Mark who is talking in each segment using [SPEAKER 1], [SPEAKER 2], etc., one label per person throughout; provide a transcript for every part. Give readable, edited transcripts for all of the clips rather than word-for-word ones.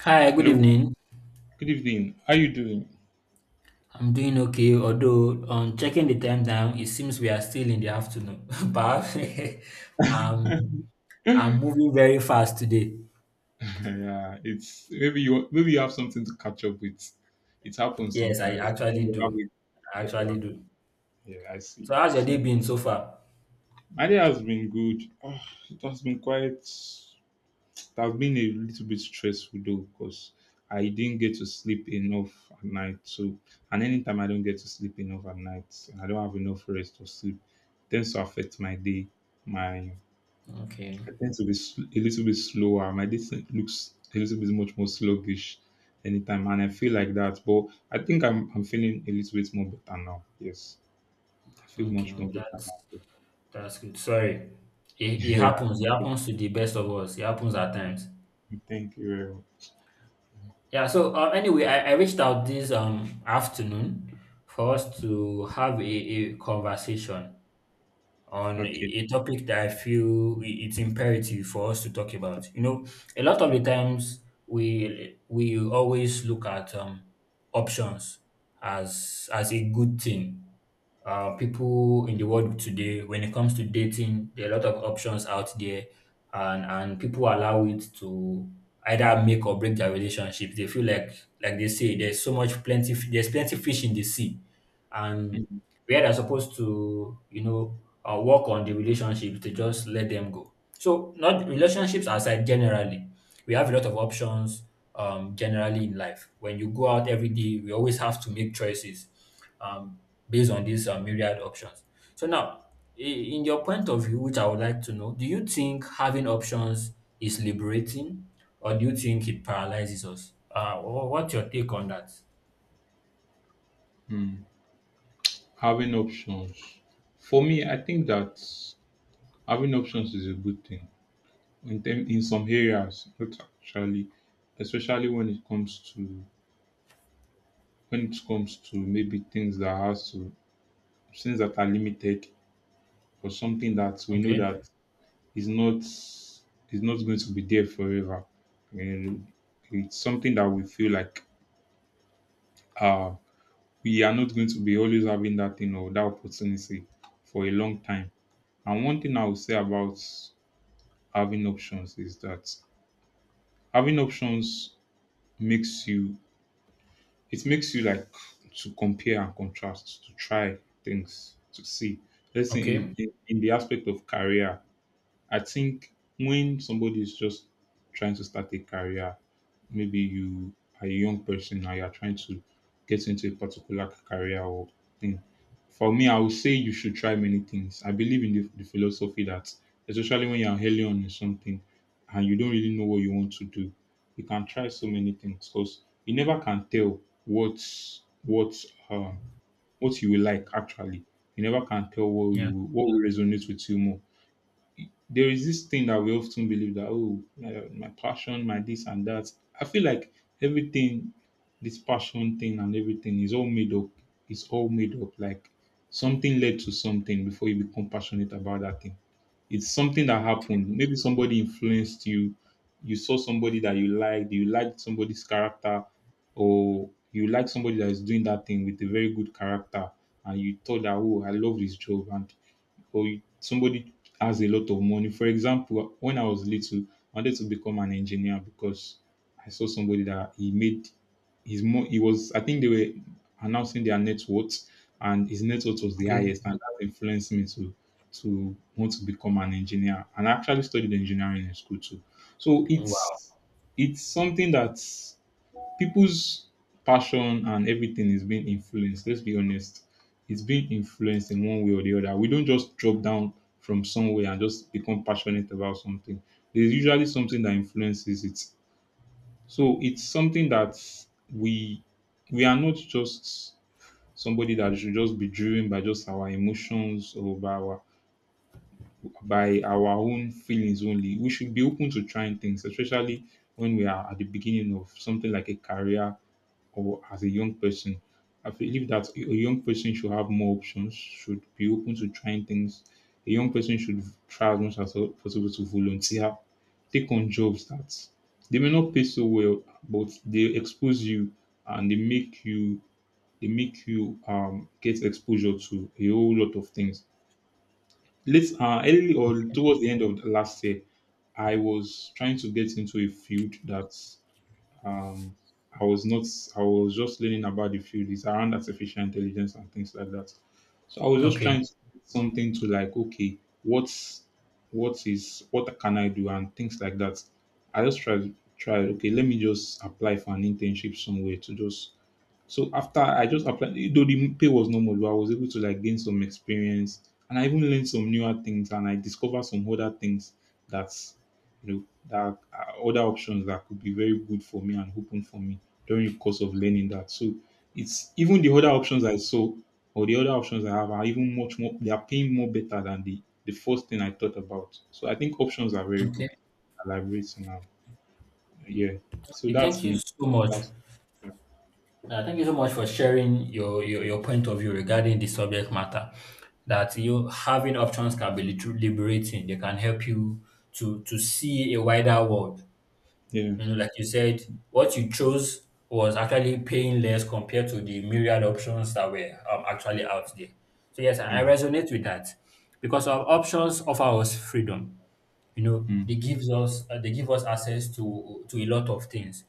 [SPEAKER 1] Hi, good
[SPEAKER 2] Hello.
[SPEAKER 1] evening.
[SPEAKER 2] Good evening. How you doing?
[SPEAKER 1] I'm doing okay, although on checking the time now, it seems we are still in the afternoon. But um,
[SPEAKER 2] Yeah,
[SPEAKER 1] I'm moving very fast today.
[SPEAKER 2] it's maybe you have something to catch up with. It happens
[SPEAKER 1] Yes, I
[SPEAKER 2] sometimes. Maybe
[SPEAKER 1] actually
[SPEAKER 2] you have
[SPEAKER 1] do.
[SPEAKER 2] it.
[SPEAKER 1] I
[SPEAKER 2] Yeah, well,
[SPEAKER 1] actually do.
[SPEAKER 2] yeah, I see.
[SPEAKER 1] So how's your day been so far?
[SPEAKER 2] My day has been good. Ah, it has been quite. It has been a little bit stressful though, because I didn't get to sleep enough at night. So, and anytime I don't get to sleep enough at night, and I don't have enough rest or sleep, it tends to affect my day, my
[SPEAKER 1] Okay,
[SPEAKER 2] I tend to be a little bit slower. My distance looks a little bit much more sluggish anytime, and I feel like that. But I think I'm feeling a little bit more better now. Yes, I feel
[SPEAKER 1] okay,
[SPEAKER 2] much more better
[SPEAKER 1] that's
[SPEAKER 2] now.
[SPEAKER 1] that's good. Sorry, it
[SPEAKER 2] Yeah,
[SPEAKER 1] happens. It
[SPEAKER 2] thank you.
[SPEAKER 1] happens to the best of us. It happens at times.
[SPEAKER 2] Thank you very much.
[SPEAKER 1] Yeah. Anyway, I reached out this afternoon for us to have a conversation on
[SPEAKER 2] Okay.
[SPEAKER 1] a topic that I feel it's imperative for us to talk about. You know, a lot of the times we always look at options as a good thing. People in the world today, when it comes to dating, there are a lot of options out there, and people allow it to either make or break their relationships. They feel like they say there's so much plenty there's plenty fish in the sea, and where they're supposed to, you know, work on the relationships, to just let them go. So, not relationships aside, generally, we have a lot of options generally in life. When you go out every day, we always have to make choices, um, based on these myriad options. So, now, in your point of view, which I would like to know, do you think having options is liberating, or do you think it paralyzes us? What's your take on that?
[SPEAKER 2] Mm. Having options. For me, I think that having options is a good thing in them, in some areas, not actually, especially when it comes to when it comes to maybe things that are limited for something that we know
[SPEAKER 1] Okay,
[SPEAKER 2] that is not going to be there forever. And it's something that we feel like uh we are not going to be always having that thing or that opportunity for a long time. And one thing I would say about having options is that having options makes you it makes you like to compare and contrast, to try things, to see. Let's say in
[SPEAKER 1] okay,
[SPEAKER 2] in, in the aspect of career, I think when somebody is just trying to start a career, maybe you are a young person and you are trying to get into a particular career or thing. For me, I would say you should try many things. I believe in the philosophy that, especially when you are early on in something and you don't really know what you want to do, you can try so many things because you never can tell what what uh, what you will like actually. You never can tell what you
[SPEAKER 1] yeah,
[SPEAKER 2] will, what will resonate with you more. There is this thing that we often believe that, oh, my passion, my this and that. I feel like everything, this passion thing and everything is all made up. It's all made up. Like something led to something before you become passionate about that thing. It's something that happened. Maybe somebody influenced you. You saw somebody that you liked. You liked somebody's character, or you like somebody that is doing that thing with a very good character, and you thought that, oh, I love this job. And or somebody has a lot of money. For example, when I was little, I wanted to become an engineer because I saw somebody that he made his mo. He was, I think they were announcing their net worth, and his net worth was the
[SPEAKER 1] okay.
[SPEAKER 2] highest, and that influenced me to want to become an engineer. And I actually studied engineering in school too. So
[SPEAKER 1] Wow.
[SPEAKER 2] it's something that's people's passion and everything is being influenced. Let's be honest. It's being influenced in one way or the other. We don't just drop down from somewhere and just become passionate about something. There's usually something that influences it. So it's something that we we are not just somebody that should just be driven by just our emotions or by our own feelings only. We should be open to trying things, especially when we are at the beginning of something like a career or as a young person. I believe that a young person should have more options, should be open to trying things. A young person should try as much as possible to volunteer, take on jobs that they may not pay so well, but they expose you and they make you get exposure to a whole lot of things. Late Early or towards the end of the last year, I was trying to get into a field that um, I was not, I was just learning about the field. It's around artificial intelligence and things like that. So I was just
[SPEAKER 1] Okay.
[SPEAKER 2] trying to do something to like, okay, what is, what can I do and things like that. I just tried, okay, let me just apply for an internship somewhere to just so after I just applied, though the pay was normal, but I was able to like gain some experience, and I even learned some newer things, and I discovered some other things that's you know that are other options that could be very good for me and open for me during the course of learning that. So it's even the other options I saw or the other options I have are even much more. They are paying more better than the first thing I thought about. So I think options are very good.
[SPEAKER 1] Okay.
[SPEAKER 2] Elaborate now, yeah. So
[SPEAKER 1] Okay,
[SPEAKER 2] that's
[SPEAKER 1] thank you
[SPEAKER 2] me.
[SPEAKER 1] so much.
[SPEAKER 2] That's yeah,
[SPEAKER 1] Thank you so much for sharing your, your point of view regarding the subject matter. That you having options can be liberating. They can help you to see a wider world.
[SPEAKER 2] yeah,
[SPEAKER 1] You know, like you said, what you chose was actually paying less compared to the myriad options that were, actually out there. So yes, I
[SPEAKER 2] yeah.
[SPEAKER 1] resonate with that, because our options offer us freedom. You know,
[SPEAKER 2] Mm.
[SPEAKER 1] they give us access to a lot of things.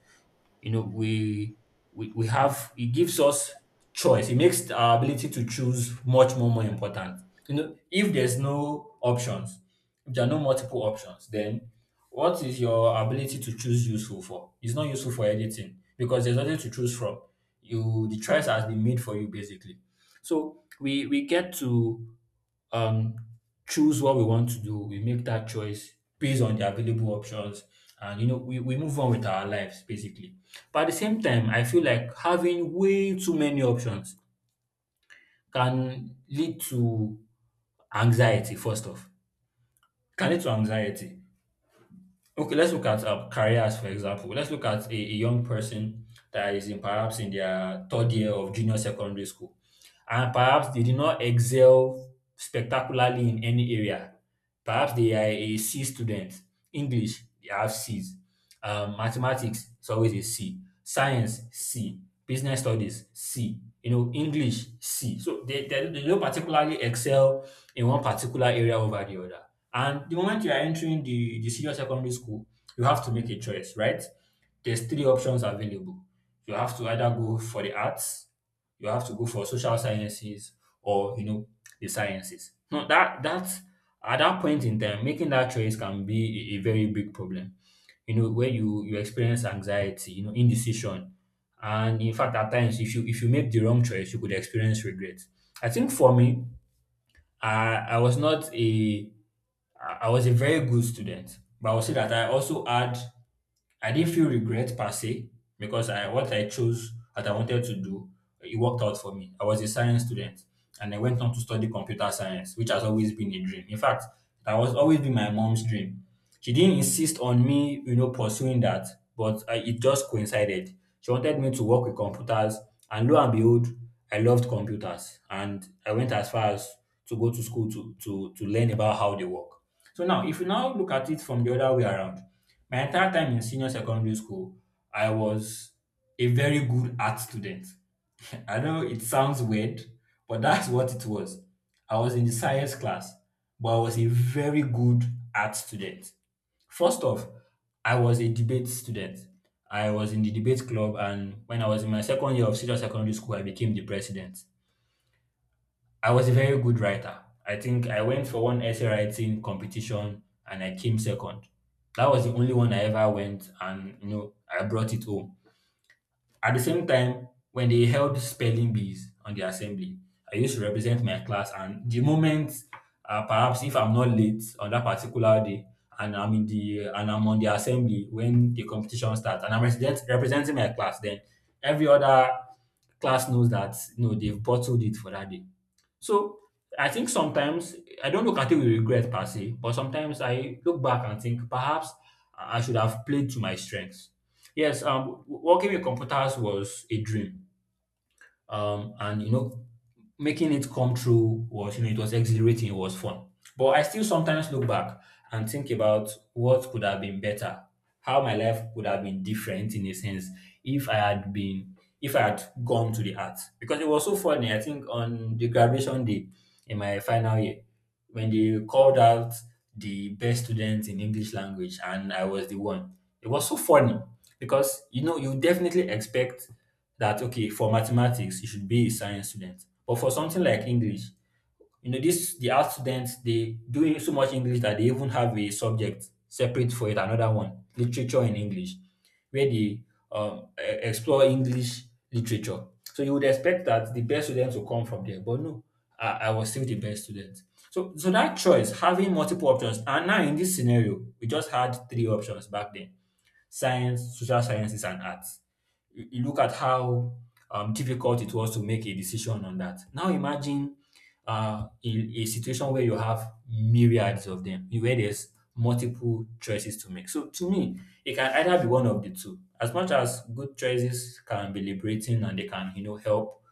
[SPEAKER 1] You know, we have, it gives us choice, it makes our ability to choose much more more important. You know, if there's no options, if there are no multiple options, then what is your ability to choose useful for? It's not useful for anything, because there's nothing to choose from. You, the choice has been made for you, basically. So we get to um, choose what we want to do. We make that choice based on the available options, and you know we move on with our lives, basically. But at the same time, I feel like having way too many options can lead to anxiety. First off, can lead to anxiety. Okay, let's look at careers, for example. Let's look at a young person that is in perhaps in their third year of junior secondary school, and perhaps they did not excel spectacularly in any area. Perhaps they are a C student. English, they have C's. Mathematics is always a C. Science, C. Business studies, C. You know, English, C. So they don't particularly excel in one particular area over the other. And the moment you are entering the senior secondary school, you have to make a choice, right? There's three options available. You have to either go for the arts, you have to go for social sciences, or you know, the sciences. Now that at that point in time, making that choice can be a very big problem. You know, where you experience anxiety, you know, indecision, and in fact at times, if you make the wrong choice, you could experience regret. I think for me, I was not a I was a very good student, but I would say that I also had, I didn't feel regret per se, because I what I chose that I wanted to do, it worked out for me. I was a science student, and I went on to study computer science, which has always been a dream. In fact, that was always been my mom's dream. She didn't insist on me, you know, pursuing that, but it just coincided. She wanted me to work with computers, and lo and behold, I loved computers, and I went as far as to go to school to to learn about how they work. So now, if you now look at it from the other way around, my entire time in senior secondary school, I was a very good art student. I know it sounds weird, but that's what it was. I was in the science class, but I was a very good art student. First off, I was a debate student. I was in the debate club, and when I was in my second year of senior secondary school, I became the president. I was a very good writer. I think I went for one essay writing competition and I came second. That was the only one I ever went and you know I brought it home. At the same time, when they held spelling bees on the assembly, I used to represent my class, and the moment perhaps if I'm not late on that particular day and I'm on the assembly when the competition starts, and I'm representing my class, then every other class knows that you know they've bottled it for that day. So I think sometimes, I don't look at it with regret per se, but sometimes I look back and think perhaps I should have played to my strengths. Yes, working with computers was a dream, and you know making it come true was, you know, it was exhilarating, it was fun, but I still sometimes look back and think about what could have been better, how my life could have been different in a sense, if I had been if I had gone to the arts. Because it was so funny, I think on the graduation day in my final year, when they called out the best students in English language, and I was the one. It was so funny because, you know, you definitely expect that, okay, for mathematics you should be a science student, but for something like English, you know, this the art students, they do so much English that they even have a subject separate for it, another one, literature in English, where they explore English literature. So you would expect that the best students will come from there, but no, I was still the best student. So, so that choice, having multiple options, and now in this scenario we just had three options back then: science, social sciences, and arts. You look at how difficult it was to make a decision on that. Now imagine a situation where you have myriads of them, where there's multiple choices to make. So to me, it can either be one of the two. As much as good choices can be liberating, and they can, you know, help,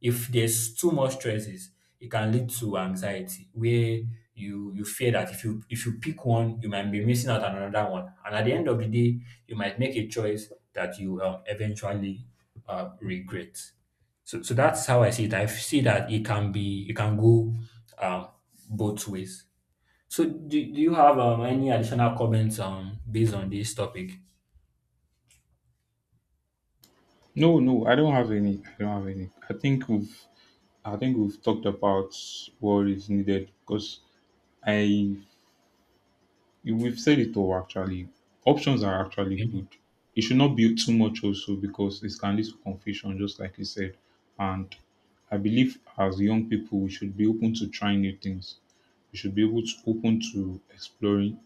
[SPEAKER 1] if there's too much choices, it can lead to anxiety, where you fear that if you pick one, you might be missing out on another one, and at the end of the day, you might make a choice that you eventually regret. So, so that's how I see it. I see that it can be, it can go, um, both ways. So, do you have any additional comments based on this topic?
[SPEAKER 2] No, no, I don't have any. I don't have any. I think we've talked about what is needed because I, we've said it all actually. Options are actually
[SPEAKER 1] Okay.
[SPEAKER 2] good. It should not be too much also because it can lead to confusion, just like you said. And I believe as young people, we should be open to trying new things. We should be able to open to exploring.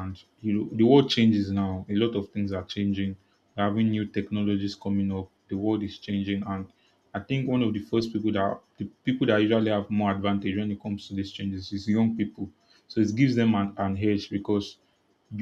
[SPEAKER 2] And you know, the world changes. Now a lot of things are changing. We're having new technologies coming up. The world is changing. And I think one of the first people that the people that usually have more advantage when it comes to these changes is young people. So it gives them an edge because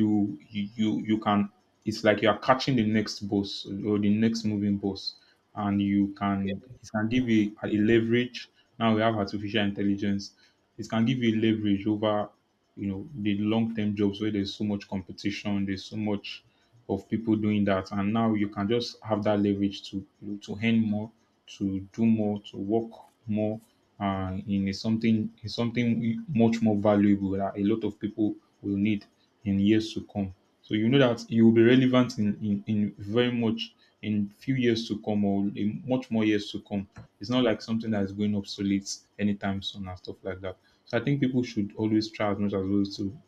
[SPEAKER 2] you can, it's like you are catching the next bus or the next moving bus, and you can it can give you a leverage. Now we have artificial intelligence. It can give you leverage over, you know, the long-term jobs where there's so much competition, there's so much of people doing that, and now you can just have that leverage to, you know, to earn more, to do more, to work more, in a something, in something much more valuable that a lot of people will need in years to come. So you know that you will be relevant in in very much in few years to come or in much more years to come. It's not like something that is going obsolete anytime soon and stuff like that. So I think people should always try as much as possible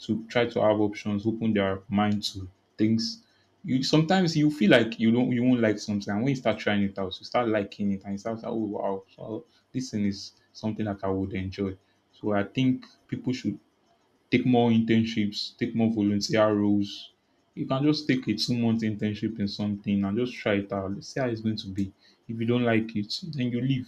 [SPEAKER 2] to try to have options, open their mind to things. You sometimes you feel like you don't you won't like something, and when you start trying it out, you start liking it, and you start, oh wow, so this thing is something that I would enjoy. So I think people should take more internships, take more volunteer roles. You can just take a 2 month internship in something and just try it out. Let's see how it's going to be. If you don't like it, then you leave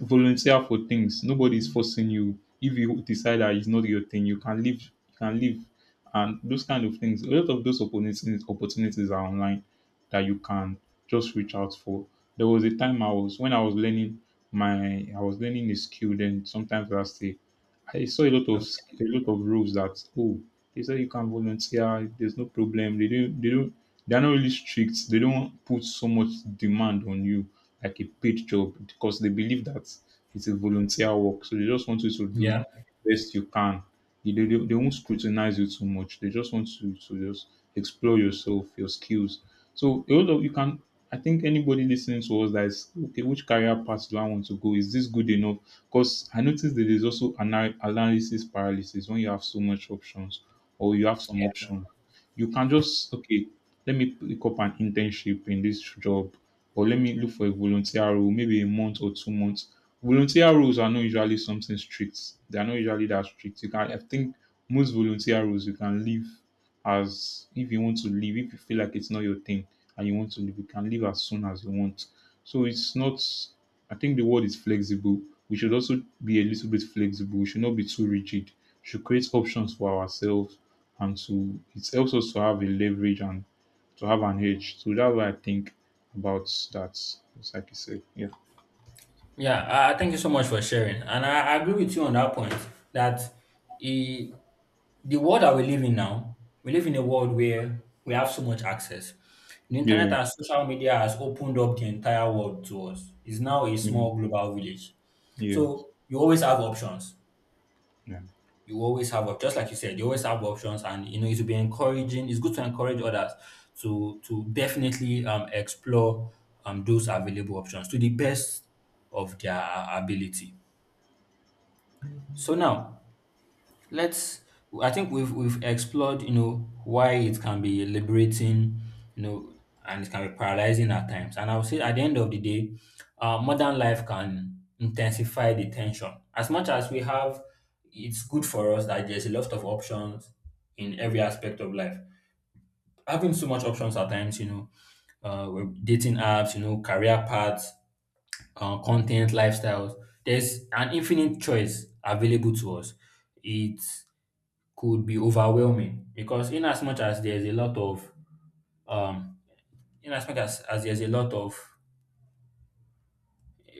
[SPEAKER 2] volunteer for things. Nobody is forcing you. If you decide that it's not your thing, you can leave. You can leave, and those kind of things. A lot of those opportunities are online that you can just reach out for. There was a time I was when I was learning my I was learning a skill. Then sometimes last year, I saw a lot of
[SPEAKER 1] Okay.
[SPEAKER 2] a lot of rules that, oh, they say you can volunteer, there's no problem. They don't they're not really strict. They don't put so much demand on you like a paid job because they believe that it's a volunteer work. So they just want you to do
[SPEAKER 1] Yeah.
[SPEAKER 2] best you can. They won't scrutinize you too much. They just want you to just explore yourself, your skills. So a lot of you can I think anybody listening to us that is, okay, which career path do I want to go? Is this good enough? Because I noticed that there's also analysis paralysis when you have so much options or you have some option. You can just, okay, let me pick up an internship in this job or let me look for a volunteer role, maybe a month or 2 months. Volunteer roles are not usually something strict. They are not usually that strict. You can, I think most volunteer roles you can leave as if you want to leave, if you feel like it's not your thing and you want to leave, you can leave as soon as you want. So it's not I think the world is flexible. We should also be a little bit flexible. We should not be too rigid. We should create options for ourselves and to it helps us to have a leverage and to have an edge. So that's what I think about that. It's like you said. Yeah.
[SPEAKER 1] Yeah, thank you so much for sharing. And I agree with you on that point, that i- the world that we live in now, we live in a world where we have so much access. The internet
[SPEAKER 2] Yeah.
[SPEAKER 1] and social media has opened up the entire world to us. It's now a
[SPEAKER 2] Yeah.
[SPEAKER 1] small global village.
[SPEAKER 2] Yeah.
[SPEAKER 1] So you always have options.
[SPEAKER 2] Yeah.
[SPEAKER 1] You always have just like you said, you always have options, and you know it will be encouraging. It's good to encourage others to definitely explore those available options to the best of their ability. So now, let's I think we've explored, you know, why it can be liberating, you know, and it can be paralyzing at times. And I would say at the end of the day, modern life can intensify the tension. As much as we have, it's good for us that there's a lot of options in every aspect of life. Having so much options at times, you know, with dating apps, you know, career paths, content, lifestyles. There's an infinite choice available to us. It could be overwhelming because in as much as there's a lot of um in as much as there's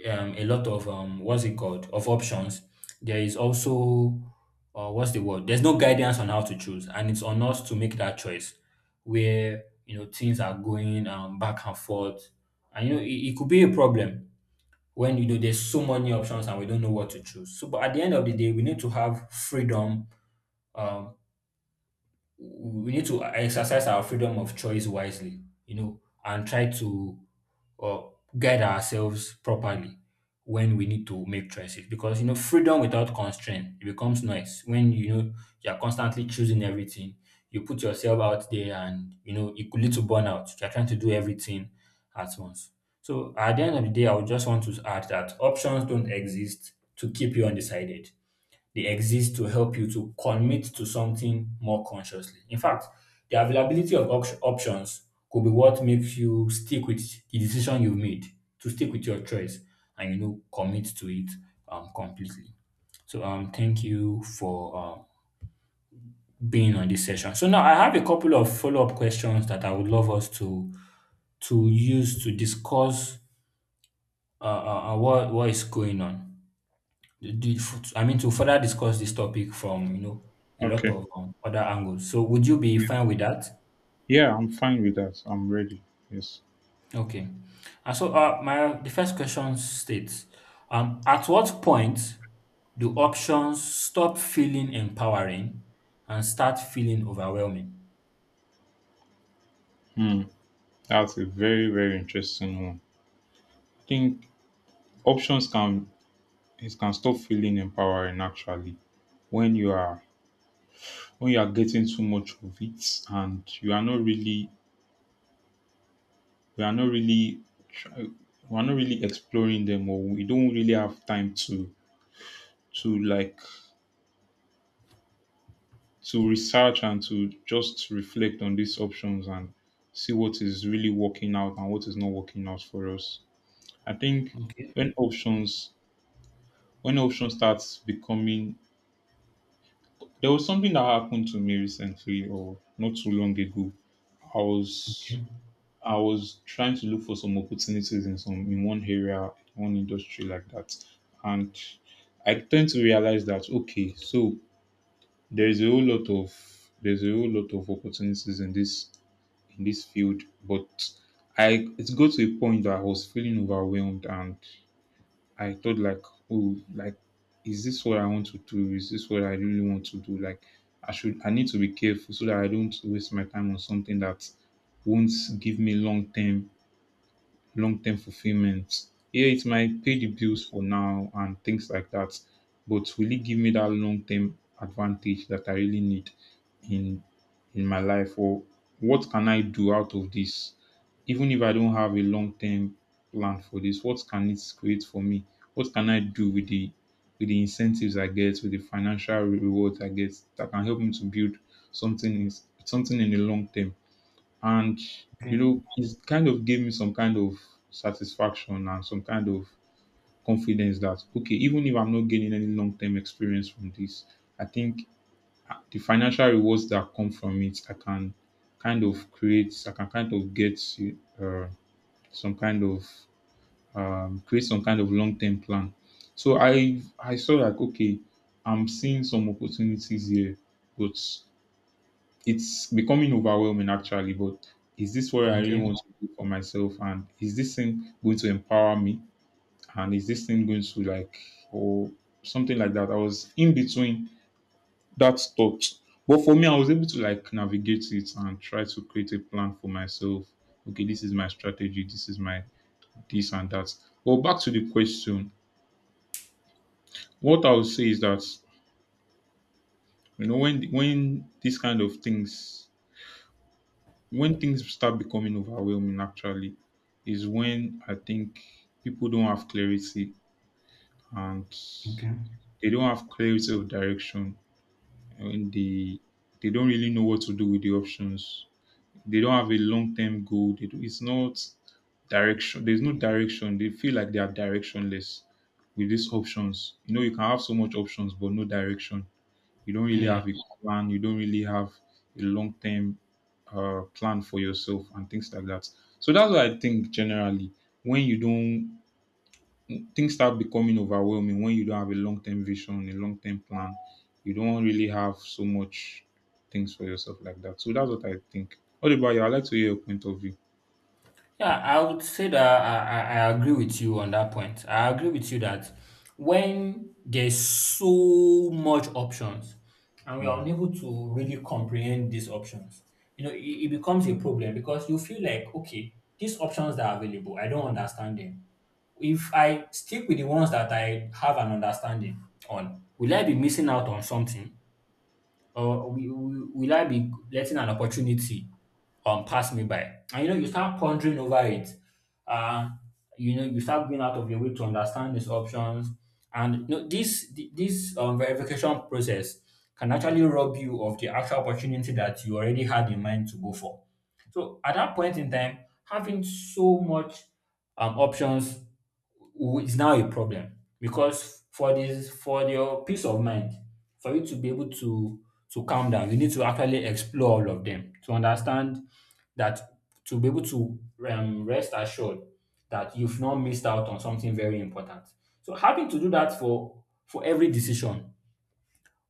[SPEAKER 1] a lot of what's it called of options, there is also, what's the word there's no guidance on how to choose, and it's on us to make that choice where you know things are going back and forth. And you know it could be a problem when you know there's so many options and we don't know what to choose. So but at the end of the day, we need to have freedom. um we need to exercise our freedom of choice wisely, you know, and try to uh, guide ourselves properly when we need to make choices. Because you know, freedom without constraint, it becomes noise. When you know you are constantly choosing everything, you put yourself out there, and you know it could lead to burnout. You are trying to do everything at once. So at the end of the day, I would just want to add that options don't exist to keep you undecided, they exist to help you to commit to something more consciously. In fact, the availability of options could be what makes you stick with the decision you've made, to stick with your choice and you know commit to it completely. So thank you for being on this session. So now I have a couple of follow-up questions that I would love us to use to discuss what is going on. The f I mean, To further discuss this topic from, you know, a lot
[SPEAKER 2] Okay.
[SPEAKER 1] of other angles. So would you be
[SPEAKER 2] Yeah.
[SPEAKER 1] fine with that?
[SPEAKER 2] Yeah, I'm fine with that. I'm ready. Yes.
[SPEAKER 1] Okay. And so my the first question states, at what point do options stop feeling empowering and start feeling overwhelming?
[SPEAKER 2] Hmm. That's a very, very interesting one. I think options can, it can stop feeling empowering actually when you are, when you are getting too much of it and you are not really, we are not really try- we are not really exploring them, or we don't really have time to like, to research and to just reflect on these options and see what is really working out and what is not working out for us. I think
[SPEAKER 1] Okay.
[SPEAKER 2] when options, when options starts becoming, there was something that happened to me recently or not too long ago. I was,
[SPEAKER 1] Okay.
[SPEAKER 2] I was trying to look for some opportunities in some, in one area, one industry like that, and I tend to realize that okay, so there is a whole lot of, there's a whole lot of opportunities in this, in this field, but I, it got to a point that I was feeling overwhelmed and I thought like, oh, like, is this what I want to do? Is this what I really want to do? Like, I should, I need to be careful so that I don't waste my time on something that won't give me long term, long-term fulfillment. Yeah, it might pay the bills for now and things like that, but will it give me that long-term advantage that I really need in in my life? Or what can I do out of this? Even if I don't have a long-term plan for this, what can it create for me? What can I do with the, with the incentives I get, with the financial rewards I get that can help me to build something, is something in the long term? And you
[SPEAKER 1] Okay.
[SPEAKER 2] know, it kind of gave me some kind of satisfaction and some kind of confidence that okay, even if I'm not gaining any long term experience from this, I think the financial rewards that come from it, I can kind of create, I can kind of get uh, some kind of, create some kind of long term plan. So I saw like okay, I'm seeing some opportunities here, but it's becoming overwhelming actually, but is this what I really
[SPEAKER 1] Okay.
[SPEAKER 2] want to do for myself, and is this thing going to empower me, and is this thing going to like, or something like that. I was in between that thought, but for me, I was able to like navigate it and try to create a plan for myself. Okay, this is my strategy, this is my this and that. But back to the question, what I would say is that, you know, when these kind of things, when things start becoming overwhelming actually, is when I think people don't have clarity, and
[SPEAKER 1] Okay.
[SPEAKER 2] they don't have clarity of direction, and they don't really know what to do with the options. They don't have a long term goal. They do, it's not direction. There's no direction. They feel like they are directionless with these options. You know, you can have so much options but no direction. You don't really
[SPEAKER 1] Yeah.
[SPEAKER 2] have a plan. You don't really have a long term, plan for yourself and things like that. So that's what I think generally. When you don't, things start becoming overwhelming when you don't have a long term vision, a long term plan. You don't really have so much things for yourself like that. So that's what I think. What about you? I'd like to hear your point of view.
[SPEAKER 1] Yeah, I would say that I agree with you on that point. I agree with you that when there's so much options and we
[SPEAKER 2] Hmm.
[SPEAKER 1] are unable to really comprehend these options, you know, it becomes a problem because you feel like, okay, these options that are available, I don't understand them. If I stick with the ones that I have an understanding on, will I be missing out on something? Or will I be letting an opportunity pass me by? And you know, you start pondering over it. Uh, you know, you start going out of your way to understand these options. And you know, this verification process can actually rob you of the actual opportunity that you already had in mind to go for. So at that point in time, having so much options is now a problem because for your peace of mind, for you to be able to calm down, you need to actually explore all of them to understand that to be able to rest assured that you've not missed out on something very important. So having to do that for every decision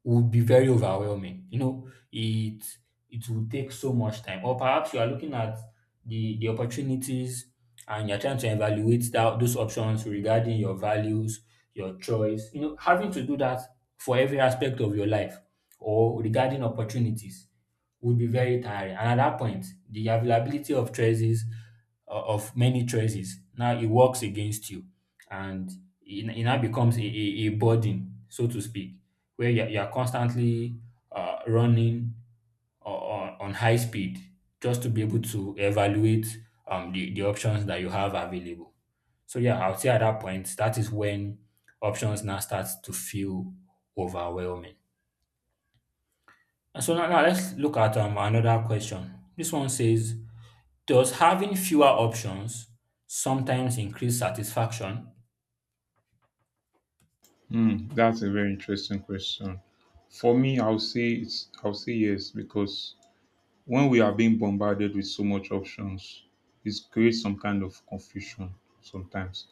[SPEAKER 1] would be very overwhelming. You know, it will take so much time. Or perhaps you are looking at the opportunities and you're trying to evaluate that those options regarding your values, your choice. You know, having to do that for every aspect of your life or regarding opportunities would be very tiring. And at that point, the availability of choices, of many choices, now it works against you. And it now becomes a burden, so to speak, where you're constantly running on high speed just to be able to evaluate the options that you have available. So yeah, I would say at that point, that is when options now starts to feel overwhelming. And So now, now let's look at another question. This one says, does having fewer options sometimes increase satisfaction?
[SPEAKER 2] Hmm, that's a very interesting question. For me, I'll say, it's, I'll say yes, because when we are being bombarded with so much options, it creates some kind of confusion sometimes,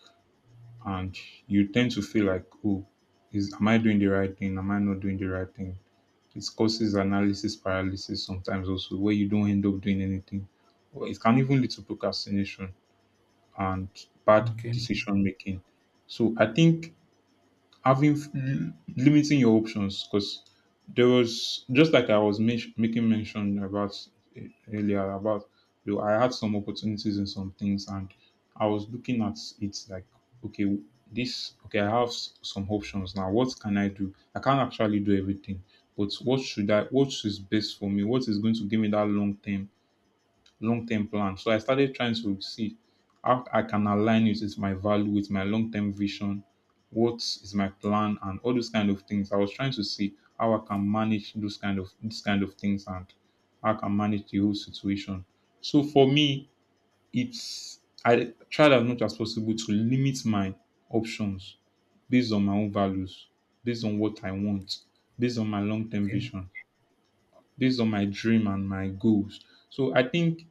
[SPEAKER 2] and you tend to feel like, oh, is, am I doing the right thing? Am I not doing the right thing? It causes analysis paralysis sometimes also, where you don't end up doing anything. Or it can even lead to procrastination and bad
[SPEAKER 1] Okay,
[SPEAKER 2] decision making. So I think having, limiting your options, because there was, just like I was making mention about earlier about, you know, I had some opportunities in some things, and I was looking at it like, okay, this, okay, I have some options now, what can I do? I can't actually do everything, but what should I, what is best for me, what is going to give me that long term, long-term plan. So I started trying to see how I can align it with my value, with my long-term vision, what is my plan, and all those kind of things. I was trying to see how I can manage those kind of these kind of things and how I can manage the whole situation. So for me, it's, I tried as much as possible to limit my options based on my own values, based on what I want, based on my long-term
[SPEAKER 1] okay,
[SPEAKER 2] vision, based on my dream and my goals. So I think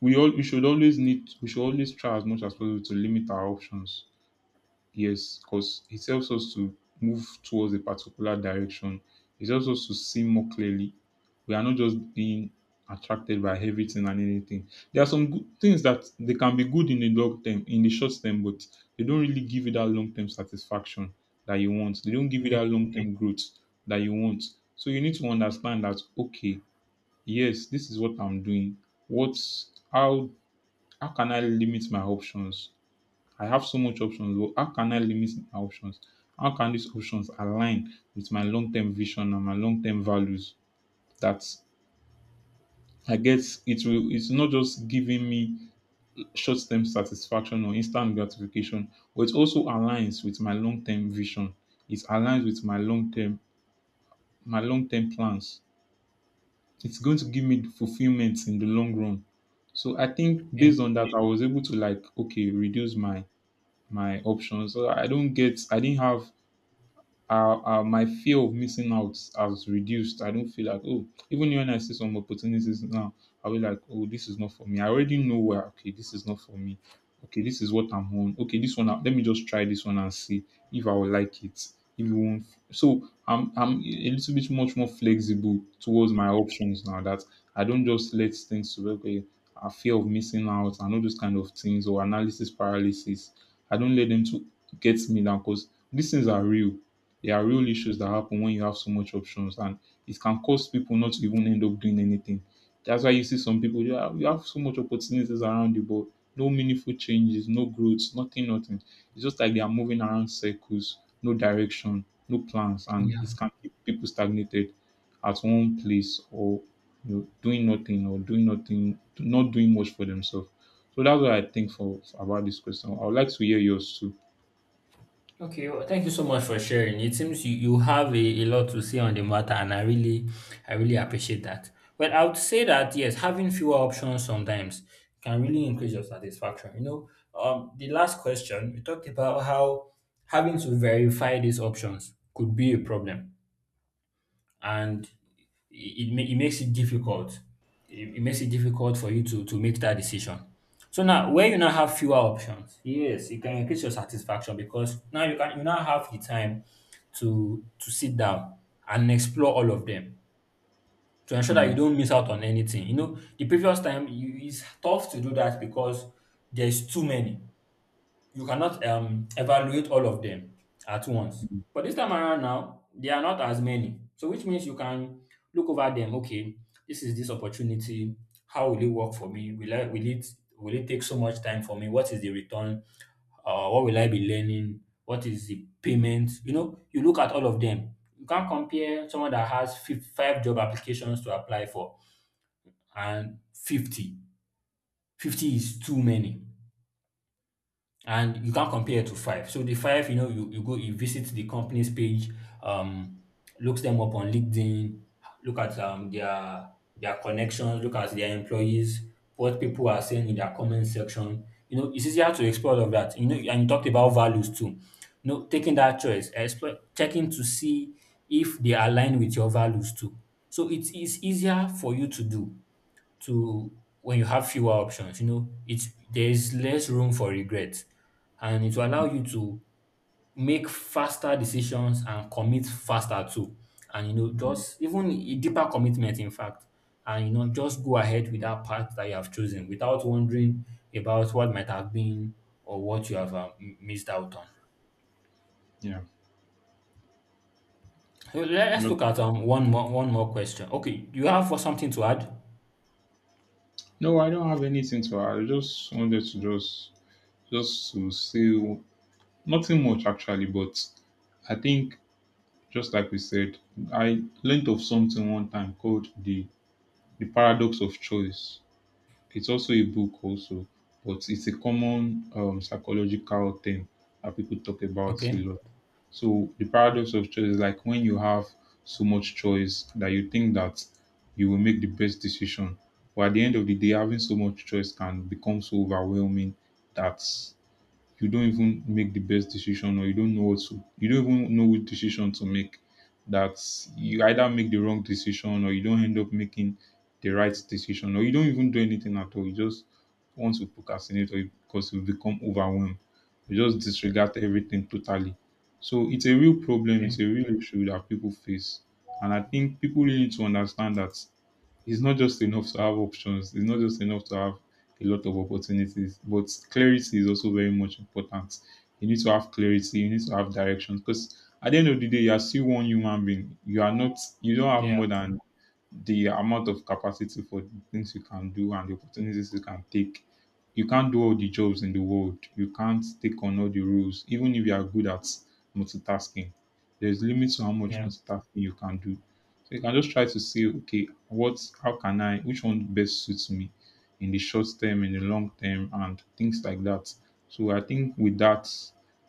[SPEAKER 2] we all, we should always need, we should always try as much as possible to limit our options. Yes, because it helps us to move towards a particular direction. It helps us to see more clearly. We are not just being attracted by everything and anything. There are some good things that they can be good in the long term, in the short term, but they don't really give you that long term satisfaction that you want. They don't give you
[SPEAKER 1] okay,
[SPEAKER 2] that long term growth that you want. So you need to understand that okay, yes, this is what I'm doing. What's, how can I limit my options? I have so much options. But how can I limit my options? How can these options align with my long-term vision and my long-term values? That, I guess it will. It's not just giving me short-term satisfaction or instant gratification, but it also aligns with my long-term vision. It aligns with my long-term, my long-term plans. It's going to give me fulfillment in the long run. So I think
[SPEAKER 1] okay.
[SPEAKER 2] based on that, I was able to like, okay, reduce my my options. So I don't get, I didn't have, my fear of missing out has reduced. I don't feel like, oh, even when I see some opportunities now, I'll be like, oh, this is not for me. I already know where, okay, this is not for me. Okay, this is what I'm on. Okay, this one. Let me just try this one and see if I will like it. If you won't, so I'm a little bit much more flexible towards my options now. That I don't just let things to, okay, I fear of missing out and all those kind of things, or analysis paralysis. I don't let them to get me down, because these things are real, there are real issues that happen when you have so much options, and it can cause people not to even end up doing anything. That's why you see some people, you have so much opportunities around you, but no meaningful changes, no growth, nothing, nothing. It's just like they are moving around circles, no direction, no plans, and it
[SPEAKER 1] Yeah.
[SPEAKER 2] can keep people stagnated at one place, or you know, doing nothing, or doing nothing, not doing much for themselves. So that's what I think for about this question. I would like to hear yours too.
[SPEAKER 1] Okay, well, thank you so much for sharing. It seems you, you have a lot to say on the matter, and I really appreciate that. Well, I would say that yes, having fewer options sometimes can really increase your satisfaction. You know, the last question we talked about how having to verify these options could be a problem, and it makes it difficult. It makes it difficult for you to make that decision. So now, where you now have fewer options, yes, it can increase your satisfaction because now you can you now have the time to sit down and explore all of them to ensure that you
[SPEAKER 2] Hmm.
[SPEAKER 1] don't miss out on anything. You know, the previous time you, it's tough to do that because there's too many, you cannot evaluate all of them at once. But this time around now, there are not as many. So which means you can look over them. Okay, this is this opportunity. How will it work for me? Will it take so much time for me? What is the return? What will I be learning? What is the payment? You know, you look at all of them. You can't compare someone that has five job applications to apply for and 50. 50 is too many. And you can't compare it to five. So the five, you know, you go, you visit the company's page, um, looks them up on LinkedIn, look at their connections, look at their employees, what people are saying in their comment section. You know, it's easier to explore all of that. You know, and you talked about values too. You know, taking that choice, explore, checking to see if they align with your values too. So it's easier for you to do to when you have fewer options, you know, it's there's less room for regret, and it will allow you to make faster decisions and commit faster too. And you know, just even a deeper commitment, in fact. And you know, just go ahead with that path that you have chosen without wondering about what might have been or what you have missed out on.
[SPEAKER 2] Yeah.
[SPEAKER 1] So let's look at one more question. Okay, you have for something to add?
[SPEAKER 2] No, I don't have anything to add. I just wanted to just to say nothing much actually, but I think just like we said, I learned of something one time called the paradox of choice. It's also a book also, but it's a common psychological thing that people talk about a
[SPEAKER 1] Okay.
[SPEAKER 2] lot. So the paradox of choice is like when you have so much choice that you think that you will make the best decision. But at the end of the day, having so much choice can become so overwhelming that you don't even make the best decision, or you don't know what to, you don't even know which decision to make, that you either make the wrong decision, or you don't end up making the right decision, or you don't even do anything at all, you just want to procrastinate, or you, because you become overwhelmed, you just disregard everything totally. So it's a real problem, it's
[SPEAKER 1] Okay.
[SPEAKER 2] a real issue that people face, and I think people really need to understand that it's not just enough to have options. It's not just enough to have a lot of opportunities, but clarity is also very much important. You need to have clarity. You need to have direction, because at the end of the day, you are still one human being. You are not, you don't have
[SPEAKER 1] Yeah.
[SPEAKER 2] more than the amount of capacity for the things you can do and the opportunities you can take. You can't do all the jobs in the world. You can't take on all the roles, even if you are good at multitasking. There's limits to how much
[SPEAKER 1] Yeah.
[SPEAKER 2] multitasking you can do. So you can just try to see, okay, what, how can I, which one best suits me in the short term, in the long term, and things like that. So I think with that,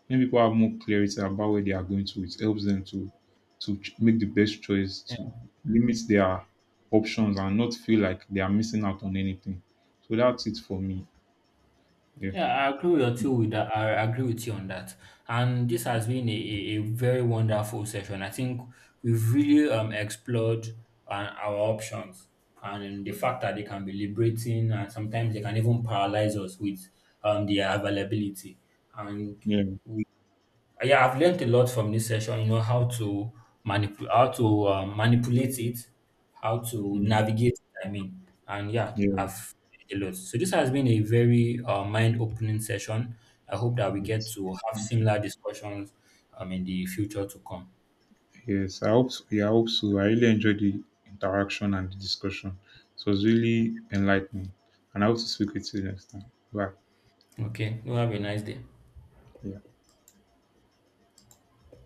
[SPEAKER 2] when people have more clarity about where they are going to, it helps them to make the best choice, to limit their options and not feel like they are missing out on anything. So that's it for me. Yeah,
[SPEAKER 1] Yeah, I agree with you with that. I agree with you on that. And this has been a very wonderful session. I think we've really explored our options and the fact that they can be liberating and sometimes they can even paralyze us with their availability. And
[SPEAKER 2] yeah,
[SPEAKER 1] yeah, I've learned a lot from this session. You know how to manipulate it, how to
[SPEAKER 2] mm,
[SPEAKER 1] navigate. And yeah,
[SPEAKER 2] yeah.
[SPEAKER 1] I've learned a lot. So this has been a very mind-opening session. I hope that we get
[SPEAKER 2] It's,
[SPEAKER 1] to have similar discussions in the future to come.
[SPEAKER 2] yes, I hope. So, yeah, I hope so. I really enjoyed the interaction and the discussion. So it was really enlightening, and I hope to speak with you next time. Bye.
[SPEAKER 1] Okay, you have a nice day.
[SPEAKER 2] Yeah.